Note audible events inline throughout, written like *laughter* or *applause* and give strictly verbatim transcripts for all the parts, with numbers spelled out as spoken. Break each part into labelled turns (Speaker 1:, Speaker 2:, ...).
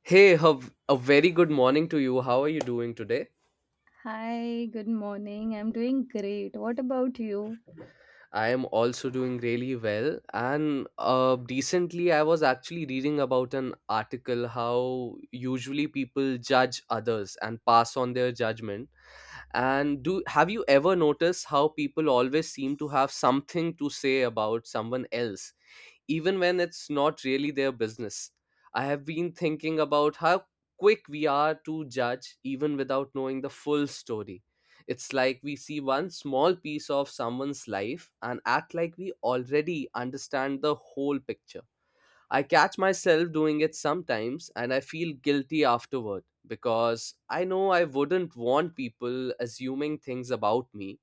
Speaker 1: Hey, Hav, a very good morning to you. How are you doing today?
Speaker 2: Hi, good morning. I'm doing great. What about you?
Speaker 1: I am also doing really well. And uh, recently, I was actually reading about an article how usually people judge others and pass on their judgment. And do have you ever noticed how people always seem to have something to say about someone else, even when it's not really their business? I have been thinking about how quick we are to judge even without knowing the full story. It's like we see one small piece of someone's life and act like we already understand the whole picture. I catch myself doing it sometimes and I feel guilty afterward because I know I wouldn't want people assuming things about me.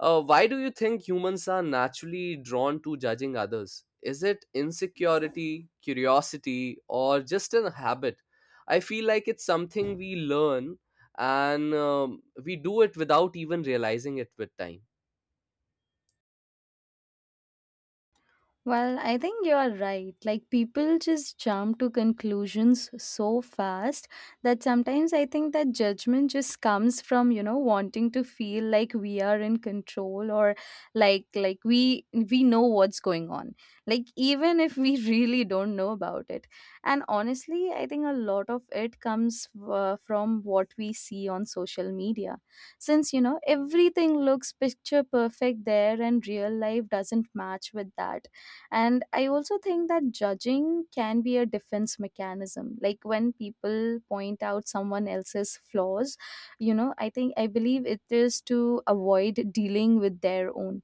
Speaker 1: Uh, why do you think humans are naturally drawn to judging others? Is it insecurity, curiosity, or just a habit? I feel like it's something we learn, and um, we do it without even realizing it with time.
Speaker 2: Well, I think you're right. Like, people just jump to conclusions so fast that sometimes I think that judgment just comes from, you know, wanting to feel like we are in control or like like we we know what's going on. Like even if we *laughs* really don't know about it. And honestly, I think a lot of it comes uh, from what we see on social media. Since, you know, everything looks picture perfect there and real life doesn't match with that, and I also think that judging can be a defense mechanism. Like when people point out someone else's flaws, you know, I think I believe it is to avoid dealing with their own.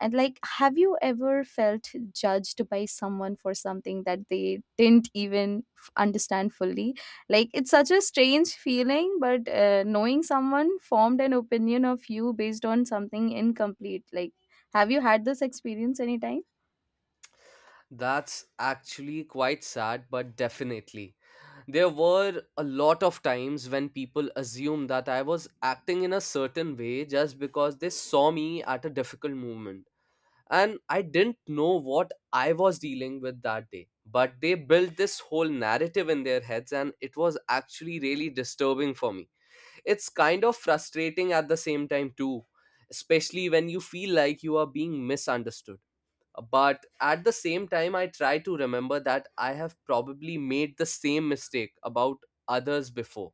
Speaker 2: And like, have you ever felt judged by someone for something that they didn't even f- understand fully? Like, it's such a strange feeling, but uh, knowing someone formed an opinion of you based on something incomplete. Like, have you had this experience anytime?
Speaker 1: That's actually quite sad, but definitely. There were a lot of times when people assumed that I was acting in a certain way just because they saw me at a difficult moment. And I didn't know what I was dealing with that day. But they built this whole narrative in their heads, and it was actually really disturbing for me. It's kind of frustrating at the same time, too, especially when you feel like you are being misunderstood. But at the same time, I try to remember that I have probably made the same mistake about others before.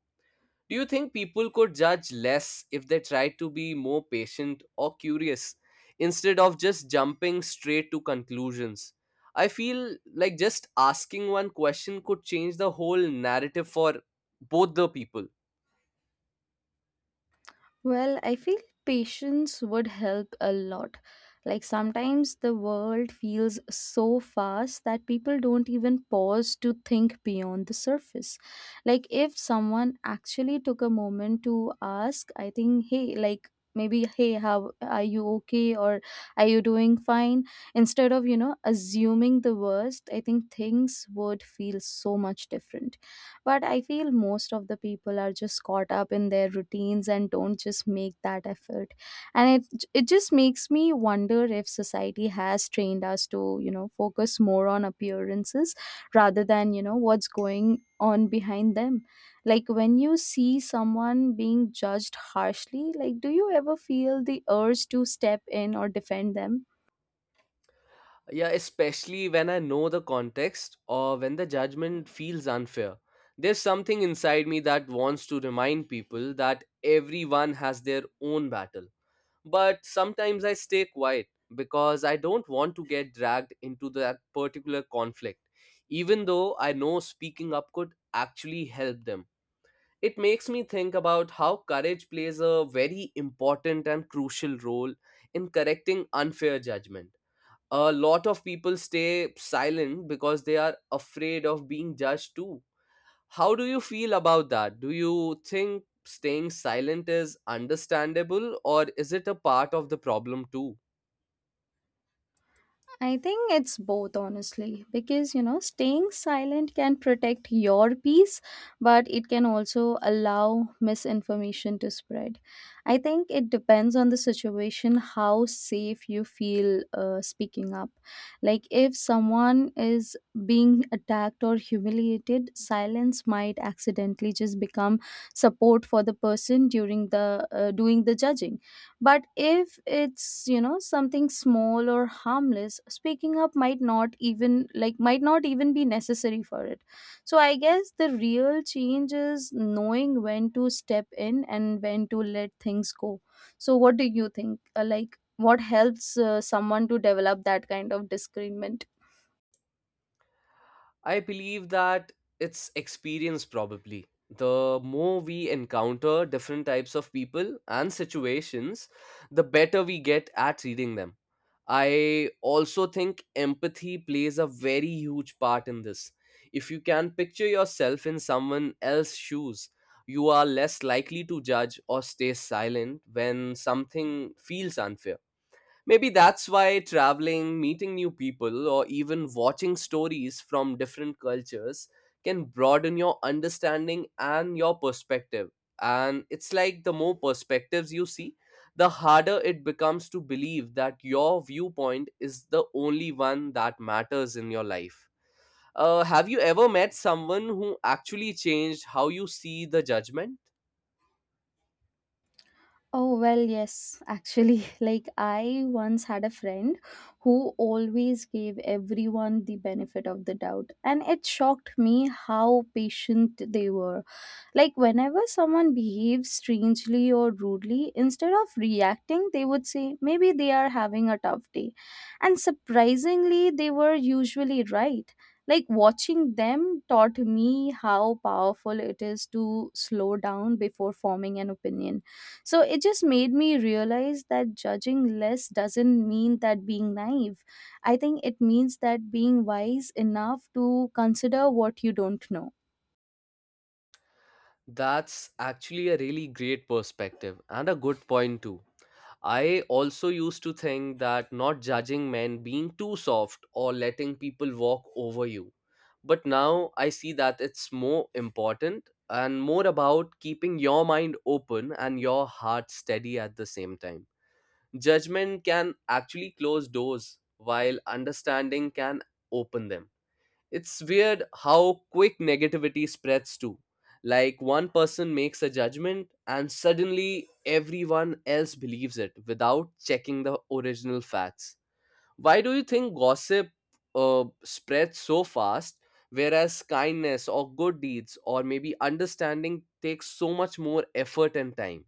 Speaker 1: Do you think people could judge less if they try to be more patient or curious instead of just jumping straight to conclusions? I feel like just asking one question could change the whole narrative for both the people.
Speaker 2: Well, I feel patience would help a lot. Like sometimes the world feels so fast that people don't even pause to think beyond the surface. Like if someone actually took a moment to ask, I think, hey, like maybe, hey, how are you okay or are you doing fine? Instead of, you know, assuming the worst, I think things would feel so much different. But I feel most of the people are just caught up in their routines and don't just make that effort. And it it just makes me wonder if society has trained us to, you know, focus more on appearances rather than, you know, what's going on behind them. Like when you see someone being judged harshly, like do you ever feel the urge to step in or defend them?
Speaker 1: Yeah, especially when I know the context or when the judgment feels unfair. There's something inside me that wants to remind people that everyone has their own battle. But sometimes I stay quiet because I don't want to get dragged into that particular conflict, even though I know speaking up could actually help them. It makes me think about how courage plays a very important and crucial role in correcting unfair judgment. A lot of people stay silent because they are afraid of being judged too. How do you feel about that? Do you think staying silent is understandable, or is it a part of the problem too?
Speaker 2: I think it's both, honestly, because you know, staying silent can protect your peace, but it can also allow misinformation to spread. I think it depends on the situation how safe you feel uh, speaking up. Like, if someone is being attacked or humiliated, silence might accidentally just become support for the person during the uh, doing the judging, but if it's, you know, something small or harmless, speaking up might not even like might not even be necessary for it. So I guess the real change is knowing when to step in and when to let things go. So what do you think? Uh, like what helps uh, someone to develop that kind of discernment?
Speaker 1: I believe that it's experience, probably. The more we encounter different types of people and situations, the better we get at reading them. I also think empathy plays a very huge part in this. If you can picture yourself in someone else's shoes, you are less likely to judge or stay silent when something feels unfair. Maybe that's why traveling, meeting new people, or even watching stories from different cultures can broaden your understanding and your perspective. And it's like the more perspectives you see, the harder it becomes to believe that your viewpoint is the only one that matters in your life. Uh, have you ever met someone who actually changed how you see the judgment?
Speaker 2: Oh, well, yes, actually. *laughs* Like, I once had a friend who always gave everyone the benefit of the doubt, and it shocked me how patient they were. Like, whenever someone behaved strangely or rudely, instead of reacting, they would say, maybe they are having a tough day. And surprisingly, they were usually right. Like, watching them taught me how powerful it is to slow down before forming an opinion, so it just made me realize that judging less doesn't mean that being naive. I think it means that being wise enough to consider what you don't know.
Speaker 1: That's actually a really great perspective and a good point, too. I also used to think that not judging men, being too soft, or letting people walk over you. But now I see that it's more important and more about keeping your mind open and your heart steady at the same time. Judgment can actually close doors, while understanding can open them. It's weird how quick negativity spreads too. Like one person makes a judgment and suddenly everyone else believes it without checking the original facts. Why do you think gossip uh, spreads so fast, whereas kindness or good deeds or maybe understanding takes so much more effort and time?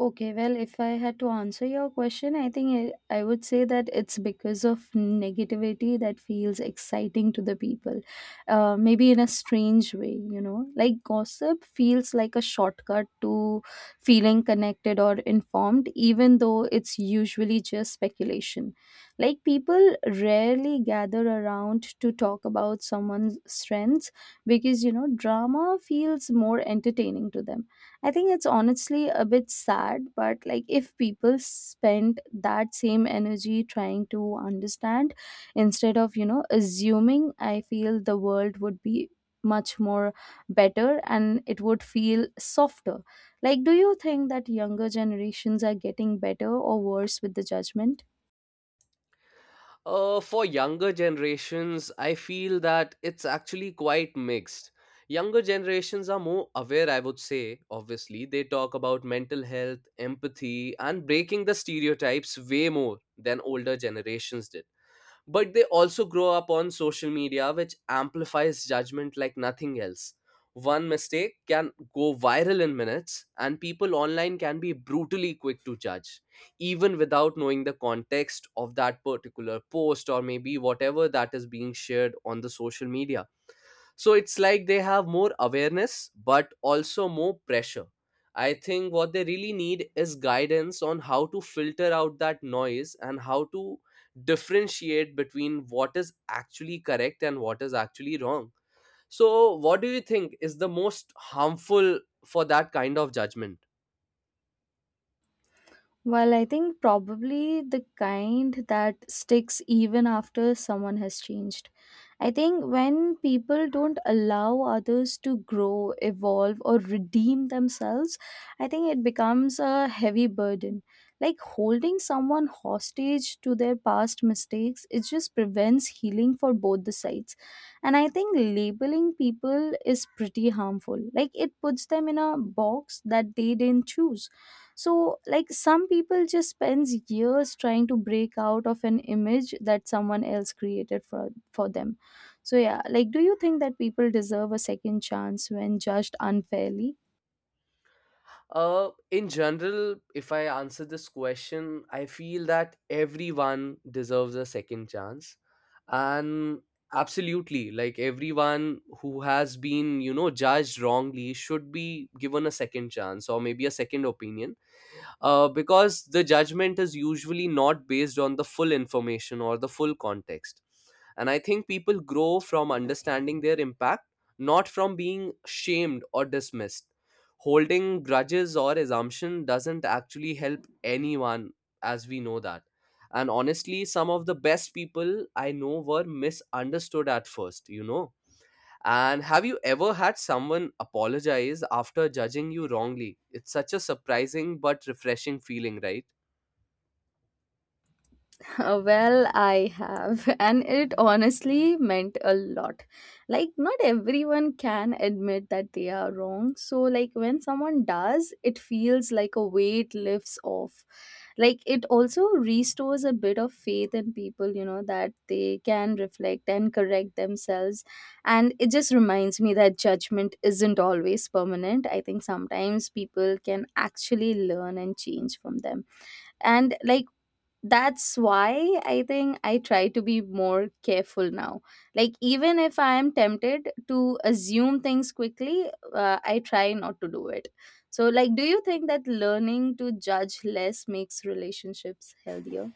Speaker 2: Okay, well, if I had to answer your question, I think I, I would say that it's because of negativity that feels exciting to the people, uh, maybe in a strange way, you know. Like gossip feels like a shortcut to feeling connected or informed, even though it's usually just speculation. Like people rarely gather around to talk about someone's strengths because, you know, drama feels more entertaining to them. I think it's honestly a bit sad, but like if people spent that same energy trying to understand instead of, you know, assuming, I feel the world would be much more better and it would feel softer. Like, do you think that younger generations are getting better or worse with the judgment?
Speaker 1: Uh, for younger generations, I feel that it's actually quite mixed. Younger generations are more aware, I would say, obviously. They talk about mental health, empathy, and breaking the stereotypes way more than older generations did, but they also grow up on social media, which amplifies judgment like nothing else. One mistake can go viral in minutes, and people online can be brutally quick to judge, even without knowing the context of that particular post or maybe whatever that is being shared on the social media. So it's like they have more awareness, but also more pressure. I think what they really need is guidance on how to filter out that noise and how to differentiate between what is actually correct and what is actually wrong. So, what do you think is the most harmful for that kind of judgment?
Speaker 2: Well, I think probably the kind that sticks even after someone has changed. I think when people don't allow others to grow, evolve, or redeem themselves, I think it becomes a heavy burden. Like holding someone hostage to their past mistakes, it just prevents healing for both the sides. And I think labeling people is pretty harmful. Like it puts them in a box that they didn't choose, so like some people just spends years trying to break out of an image that someone else created for for them. So yeah, like do you think that people deserve a second chance when judged unfairly?
Speaker 1: Uh, in general, if I answer this question, I feel that everyone deserves a second chance. And absolutely, like everyone who has been, you know, judged wrongly should be given a second chance or maybe a second opinion, uh, because the judgment is usually not based on the full information or the full context. And I think people grow from understanding their impact, not from being shamed or dismissed. Holding grudges or assumption doesn't actually help anyone, as we know that. And honestly, some of the best people I know were misunderstood at first, you know and have you ever had someone apologize after judging you wrongly? It's such a surprising but refreshing feeling, right?
Speaker 2: *laughs* Uh, well, I have, *laughs* and it honestly meant a lot. Like, not everyone can admit that they are wrong. So, like, when someone does, it feels like a weight lifts off. Like, it also restores a bit of faith in people, you know, that they can reflect and correct themselves. And it just reminds me that judgment isn't always permanent. I think sometimes people can actually learn and change from them, and like that's why I think I try to be more careful now. Like even if I am tempted to assume things quickly, uh, I try not to do it. So like do you think that learning to judge less makes relationships healthier?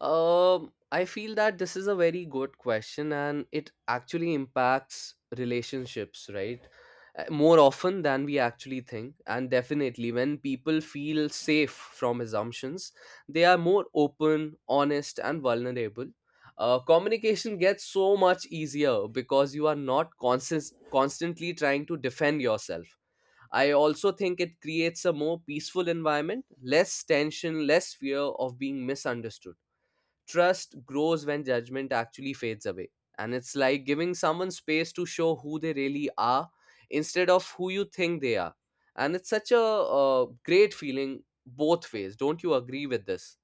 Speaker 1: Um, I feel that this is a very good question and it actually impacts relationships, right? Uh, More often than we actually think. And definitely, when people feel safe from assumptions, they are more open, honest, and vulnerable. Uh, communication gets so much easier because you are not constant, constantly trying to defend yourself. I also think it creates a more peaceful environment, less tension, less fear of being misunderstood. Trust grows when judgment actually fades away. And it's like giving someone space to show who they really are instead of who you think they are. And it's such a uh, great feeling both ways. Don't you agree with this?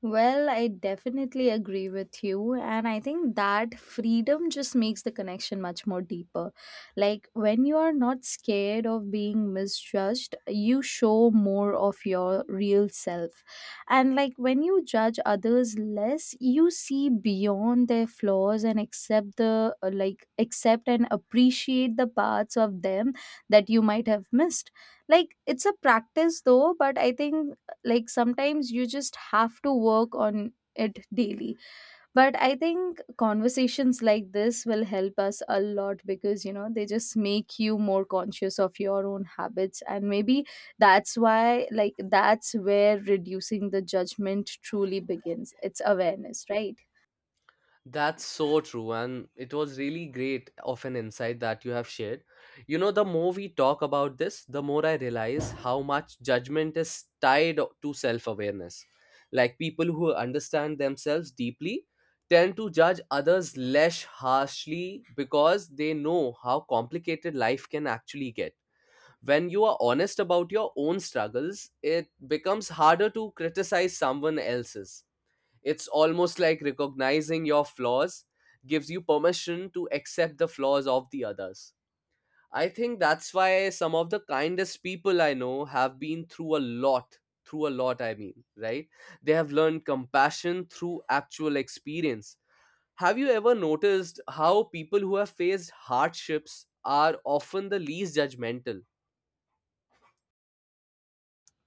Speaker 2: Well, I definitely agree with you. And I think that freedom just makes the connection much more deeper. Like when you are not scared of being misjudged, you show more of your real self. And like when you judge others less, you see beyond their flaws and accept the uh, like accept and appreciate the parts of them that you might have missed. Like it's a practice though, but I think like sometimes you just have to work on it daily. But I think conversations like this will help us a lot because you know they just make you more conscious of your own habits, and maybe that's why, like, that's where reducing the judgment truly begins. It's awareness, right?
Speaker 1: That's so true, and it was really great of an insight that you have shared. You know, the more we talk about this, the more I realize how much judgment is tied o- to self awareness. Like people who understand themselves deeply tend to judge others less harshly because they know how complicated life can actually get. When you are honest about your own struggles, it becomes harder to criticize someone else's. It's almost like recognizing your flaws gives you permission to accept the flaws of the others. I think that's why some of the kindest people I know have been through a lot. Through a lot, I mean, right? They have learned compassion through actual experience. Have you ever noticed how people who have faced hardships are often the least judgmental?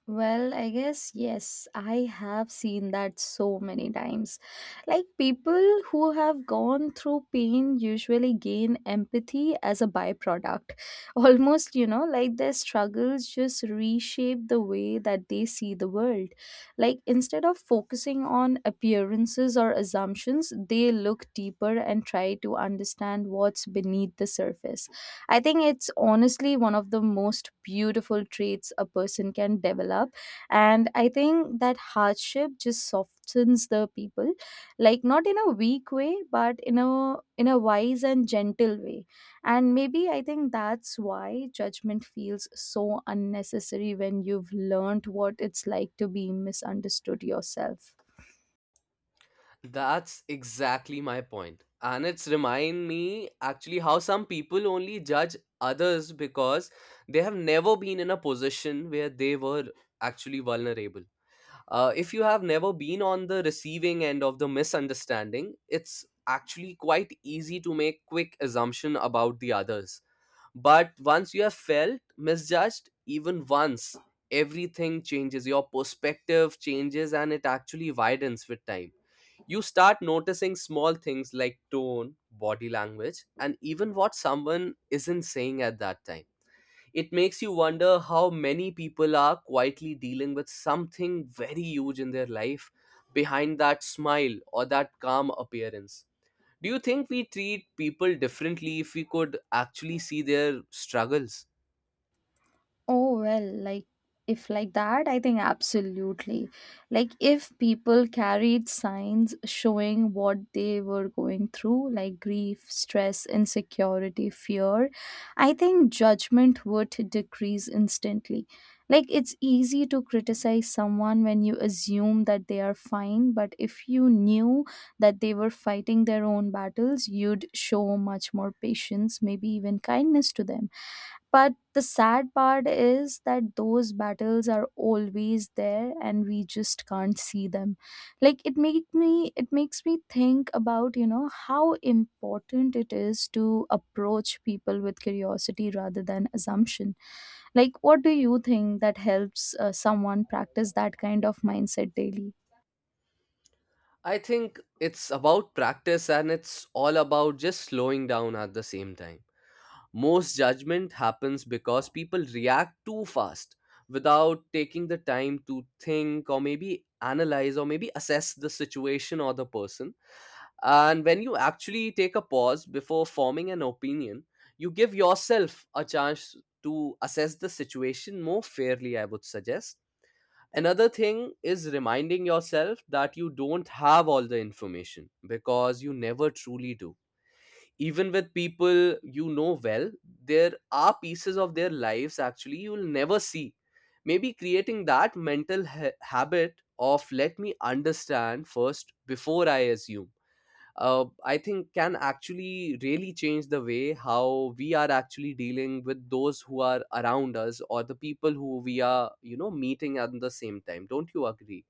Speaker 2: Well, I guess yes, I have seen that so many times. Like people who have gone through pain usually gain empathy as a byproduct. *laughs* Almost, you know, like their struggles just reshape the way that they see the world. Like instead of focusing on appearances or assumptions, they look deeper and try to understand what's beneath the surface. I think it's honestly one of the most beautiful traits a person can develop. And I think that hardship just softens the people, like not in a weak way, but in a in a wise and gentle way. And maybe I think that's why judgment feels so unnecessary when you've learned what it's like to be misunderstood yourself.
Speaker 1: That's exactly my point. And it's remind me actually how some people only judge others because they have never been in a position where they were actually vulnerable. Uh, if you have never been on the receiving end of the misunderstanding, it's actually quite easy to make quick assumption about the others. But once you have felt misjudged even once, everything changes. Your perspective changes and it actually widens with time. You start noticing small things like tone, body language, and even what someone isn't saying at that time. It makes you wonder how many people are quietly dealing with something very huge in their life behind that smile or that calm appearance. Do you think we treat people differently if we could actually see their struggles?
Speaker 2: Oh, well, like if like that, I think absolutely. Like if people carried signs showing what they were going through, like grief, stress, insecurity, fear, I think judgment would decrease instantly. Like it's easy to criticize someone when you assume that they are fine, but if you knew that they were fighting their own battles, you'd show much more patience, maybe even kindness to them. But the sad part is that those battles are always there and we just can't see them. Like it make me it makes me think about, you know, how important it is to approach people with curiosity rather than assumption. Like what do you think that helps uh, someone practice that kind of mindset daily?
Speaker 1: I think it's about practice and it's all about just slowing down at the same time. Most judgment happens because people react too fast without taking the time to think or maybe analyze or maybe assess the situation or the person. And when you actually take a pause before forming an opinion, you give yourself a chance to assess the situation more fairly, I would suggest. Another thing is reminding yourself that you don't have all the information, because you never truly do. Even with people you know well, there are pieces of their lives actually you'll never see. Maybe creating that mental ha- habit of let me understand first before I assume, uh, I think can actually really change the way how we are actually dealing with those who are around us or the people who we are, you know, meeting at the same time. Don't you agree?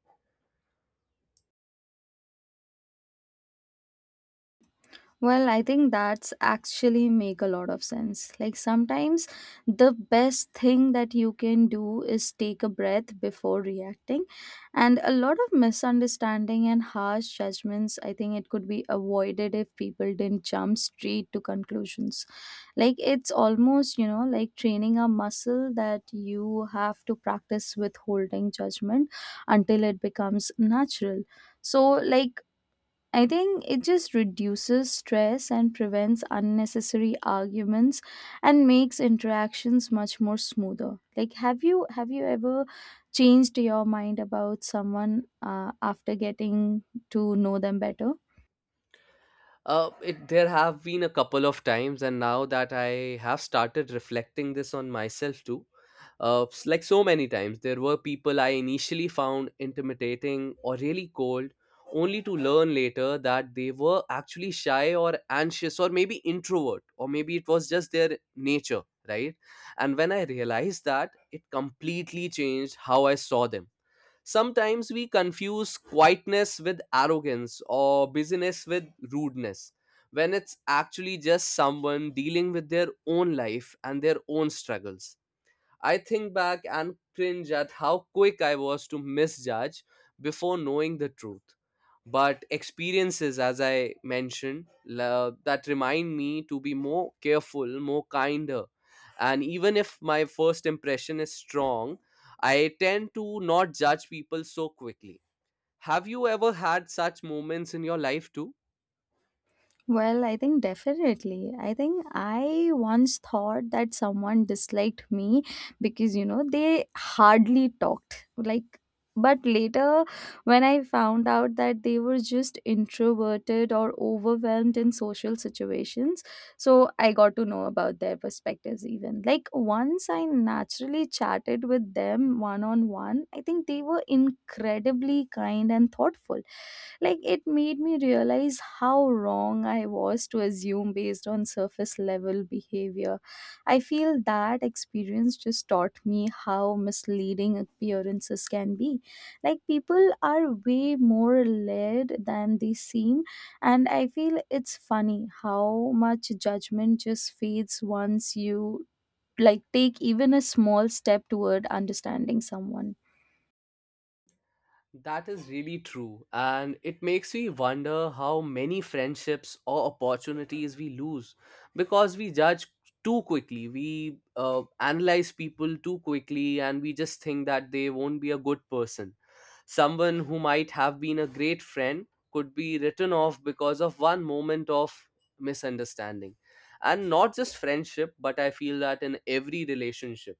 Speaker 2: Well, I think that's actually make a lot of sense. Like sometimes the best thing that you can do is take a breath before reacting. And a lot of misunderstanding and harsh judgments, I think it could be avoided if people didn't jump straight to conclusions. Like it's almost, you know, like training a muscle that you have to practice withholding judgment until it becomes natural. So like I think it just reduces stress and prevents unnecessary arguments and makes interactions much more smoother. Like have you have you ever changed your mind about someone uh, after getting to know them better?
Speaker 1: Uh, it, there have been a couple of times, and now that I have started reflecting this on myself too, uh, s- like so many times, there were people I initially found intimidating or really cold, only to learn later that they were actually shy or anxious or maybe introvert, or maybe it was just their nature, right? And when I realized that, it completely changed how I saw them. Sometimes we confuse quietness with arrogance or busyness with rudeness, when it's actually just someone dealing with their own life and their own struggles. I think back and cringe at how quick I was to misjudge before knowing the truth. But experiences, as I mentioned, la- that remind me to be more careful, more kinder. And even if my first impression is strong, I tend to not judge people so quickly. Have you ever had such moments in your life too?
Speaker 2: Well, I think definitely. I think I once thought that someone disliked me because, you know, they hardly talked. Like, but later, when I found out that they were just introverted or overwhelmed in social situations, so I got to know about their perspectives. Even like once I naturally chatted with them one on one, I think they were incredibly kind and thoughtful. Like it made me realize how wrong I was to assume based on surface level behavior. I feel that experience just taught me how misleading appearances can be. Like people are way more led than they seem, and I feel it's funny how much judgment just fades once you like take even a small step toward understanding someone.
Speaker 1: That is really true, and it makes me wonder how many friendships or opportunities we lose because we judge too quickly. We uh, analyze people too quickly, and we just think that they won't be a good person. Someone who might have been a great friend could be written off because of one moment of misunderstanding. And not just friendship, but I feel that in every relationship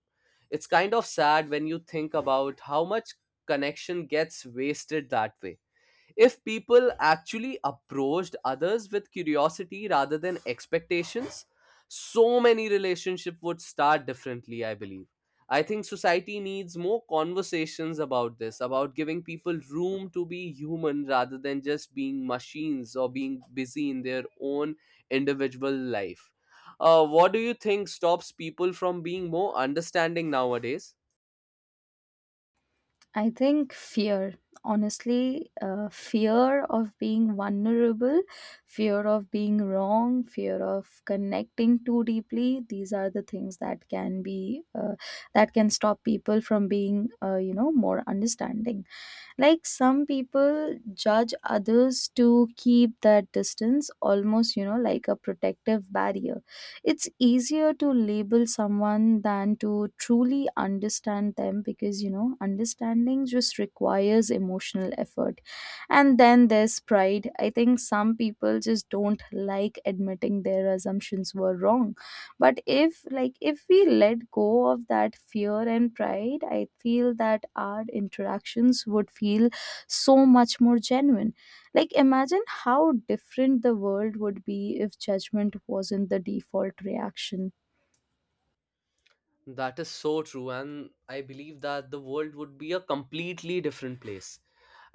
Speaker 1: it's kind of sad when you think about how much connection gets wasted that way if people actually approached others with curiosity rather than expectations. So many relationships would start differently, I believe. I think society needs more conversations about this, about giving people room to be human rather than just being machines or being busy in their own individual life. Uh, what do you think stops people from being more understanding nowadays?
Speaker 2: I think fear, honestly, uh, fear of being vulnerable, fear of being wrong, fear of connecting too deeply. These are the things that can be uh, that can stop people from being, uh, you know, more understanding. Like some people judge others to keep that distance almost, you know, like a protective barrier. It's easier to label someone than to truly understand them because you know understanding just requires emotional effort. And then there's pride. I think some people just don't like admitting their assumptions were wrong, but if like if we let go of that fear and pride, I feel that our interactions would feel so much more genuine. Like imagine how different the world would be if judgment wasn't the default reaction.
Speaker 1: That is so true, and I believe that the world would be a completely different place.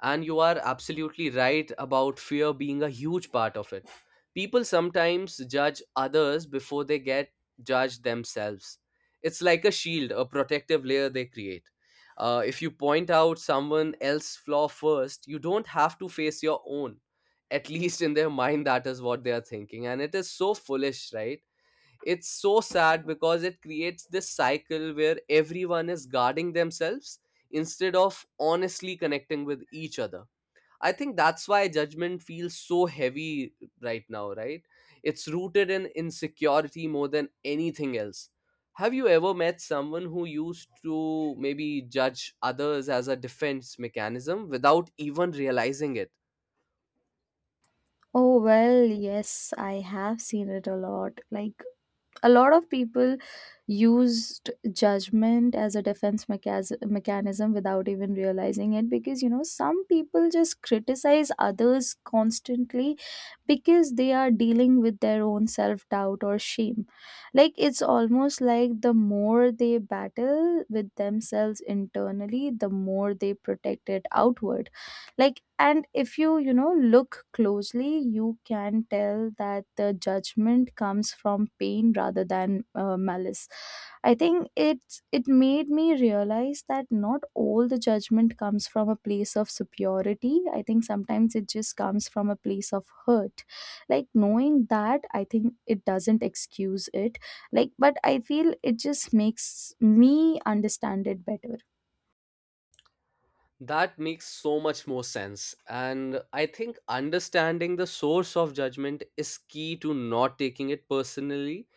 Speaker 1: And you are absolutely right about fear being a huge part of it. People sometimes judge others before they get judged themselves. It's like a shield, a protective layer they create. Uh, if you point out someone else's flaw first, you don't have to face your own. At least in their *laughs* mind, that is what they are thinking. And it is so foolish, right? It's so sad because it creates this cycle where everyone is guarding themselves instead of honestly connecting with each other. I think that's why judgment feels so heavy right now, right? It's rooted in insecurity more than anything else. Have you ever met someone who used to maybe judge others as a defense mechanism without even realizing it?
Speaker 2: Oh, well, yes, I have seen it a lot. Like a lot of people used judgment as a defense mechas- mechanism without even realizing it, because you know some people just criticize others constantly because they are dealing with their own self doubt or shame. Like it's almost like the more they battle with themselves internally, the more they protect it outward. Like and if you, you know, look closely, you can tell that the judgment comes from pain rather than uh, malice. I think it's, it made me realize that not all the judgment comes from a place of superiority. I think sometimes it just comes from a place of hurt. Like knowing that, I think it doesn't excuse it, like but I feel it just makes me understand it better.
Speaker 1: That makes so much more sense. And I think understanding the source of judgment is key to not taking it personally.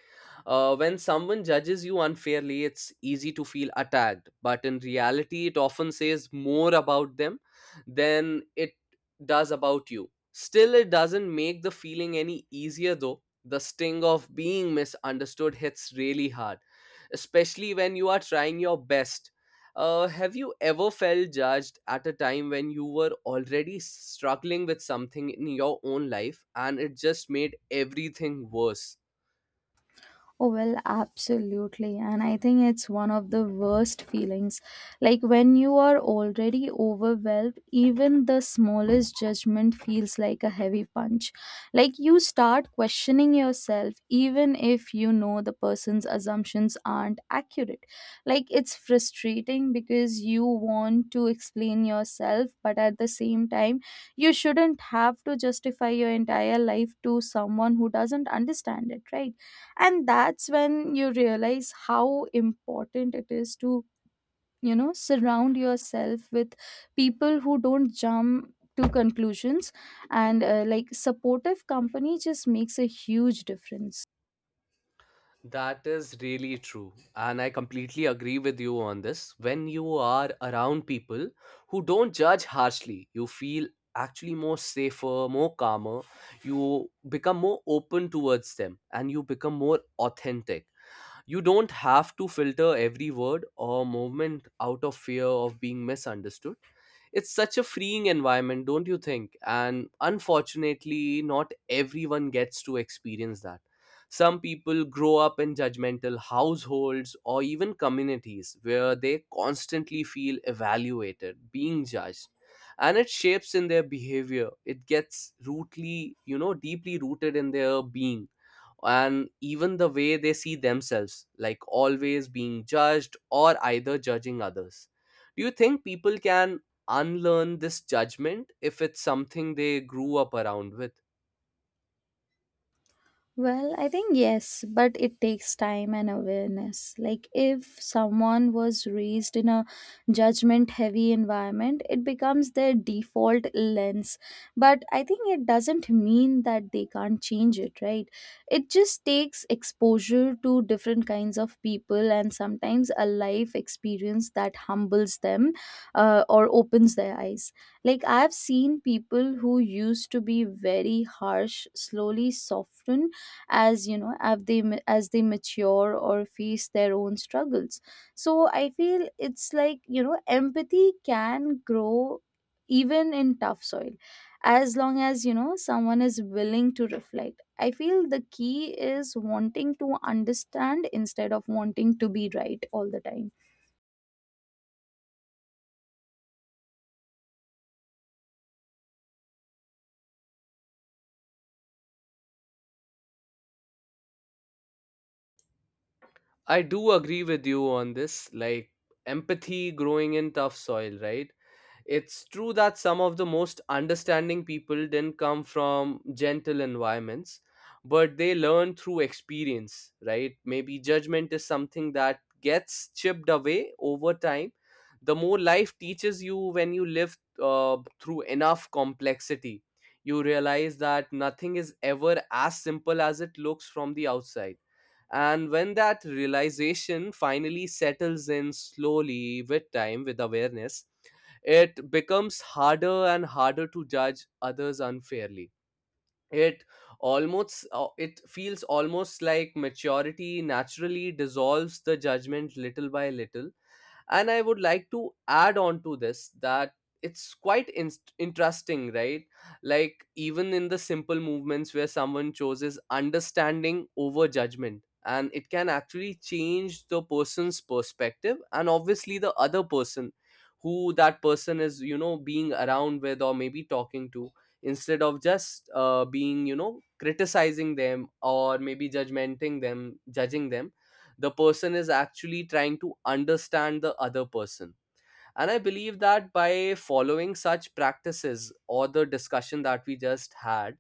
Speaker 1: uh, When someone judges you unfairly, it's easy to feel attacked, but in reality, it often says more about them than it does about you. Still, it doesn't make the feeling any easier though. The sting of being misunderstood hits really hard, especially when you are trying your best. Uh, have you ever felt judged at a time when you were already struggling with something in your own life and it just made everything worse?
Speaker 2: Oh, well, absolutely. And I think it's one of the worst feelings. Like when you are already overwhelmed, even the smallest judgment feels like a heavy punch. Like you start questioning yourself, even if you know the person's assumptions aren't accurate. Like it's frustrating because you want to explain yourself, but at the same time, you shouldn't have to justify your entire life to someone who doesn't understand it, right? And that's when you realize how important it is to, you know, surround yourself with people who don't jump to conclusions. And uh, like supportive company just makes a huge difference.
Speaker 1: That is really true. And I completely agree with you on this. When you are around people who don't judge harshly, you feel actually more safer, more calmer. You become more open towards them and you become more authentic. You don't have to filter every word or movement out of fear of being misunderstood. It's such a freeing environment, don't you think? And unfortunately, not everyone gets to experience that. Some people grow up in judgmental households or even communities where they constantly feel evaluated, being judged. And it shapes in their behavior. It gets rootly, you know, deeply rooted in their being, and even the way they see themselves, like always being judged or either judging others. Do you think people can unlearn this judgment if it's something they grew up around with?
Speaker 2: Well, I think yes, but it takes time and awareness. Like, if someone was raised in a judgment heavy environment, it becomes their default lens. But I think it doesn't mean that they can't change it, right? It just takes exposure to different kinds of people and sometimes a life experience that humbles them, uh, or opens their eyes. Like, I've seen people who used to be very harsh slowly soften as you know as they ma- as they mature or face their own struggles. So I feel it's like, you know, empathy can grow even in tough soil. As long as, you know, someone is willing to reflect, I feel the key is wanting to understand instead of wanting to be right all the time.
Speaker 1: I do agree with you on this, like empathy growing in tough soil, right? It's true that some of the most understanding people didn't come from gentle environments, but they learn through experience, right? Maybe judgment is something that gets chipped away over time. The more life teaches you, when you live uh, through enough complexity, you realize that nothing is ever as simple as it looks from the outside, and when that realization finally settles in slowly with time, with awareness, it becomes harder and harder to judge others unfairly. It almost uh, it feels almost like maturity naturally dissolves the judgment little by little. And I would like to add on to this, that it's quite in- interesting, right? Like even in the simple movements where someone chooses understanding over judgment, and it can actually change the person's perspective, and obviously the other person, who that person is, you know, being around with or maybe talking to, instead of just uh, being, you know, criticizing them or maybe judgmenting them judging them, the person is actually trying to understand the other person. And I believe that by following such practices or the discussion that we just had,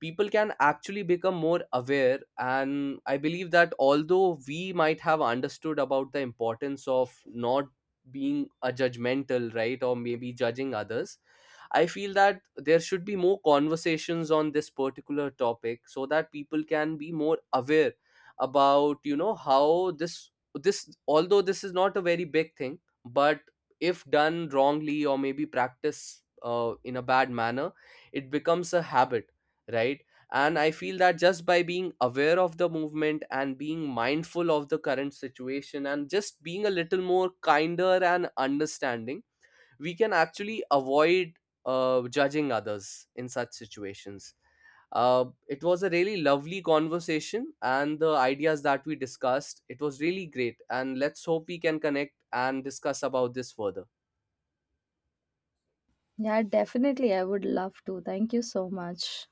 Speaker 1: people can actually become more aware. And I believe that although we might have understood about the importance of not being a judgmental, right, or maybe judging others, I feel that there should be more conversations on this particular topic so that people can be more aware about, you know, how this this although this is not a very big thing, but if done wrongly or maybe practiced uh, in a bad manner, it becomes a habit, right? And I feel that just by being aware of the movement and being mindful of the current situation and just being a little more kinder and understanding, we can actually avoid uh, judging others in such situations. Uh, it was a really lovely conversation, and the ideas that we discussed, it was really great. And let's hope we can connect and discuss about this further.
Speaker 2: Yeah, definitely. I would love to. Thank you so much.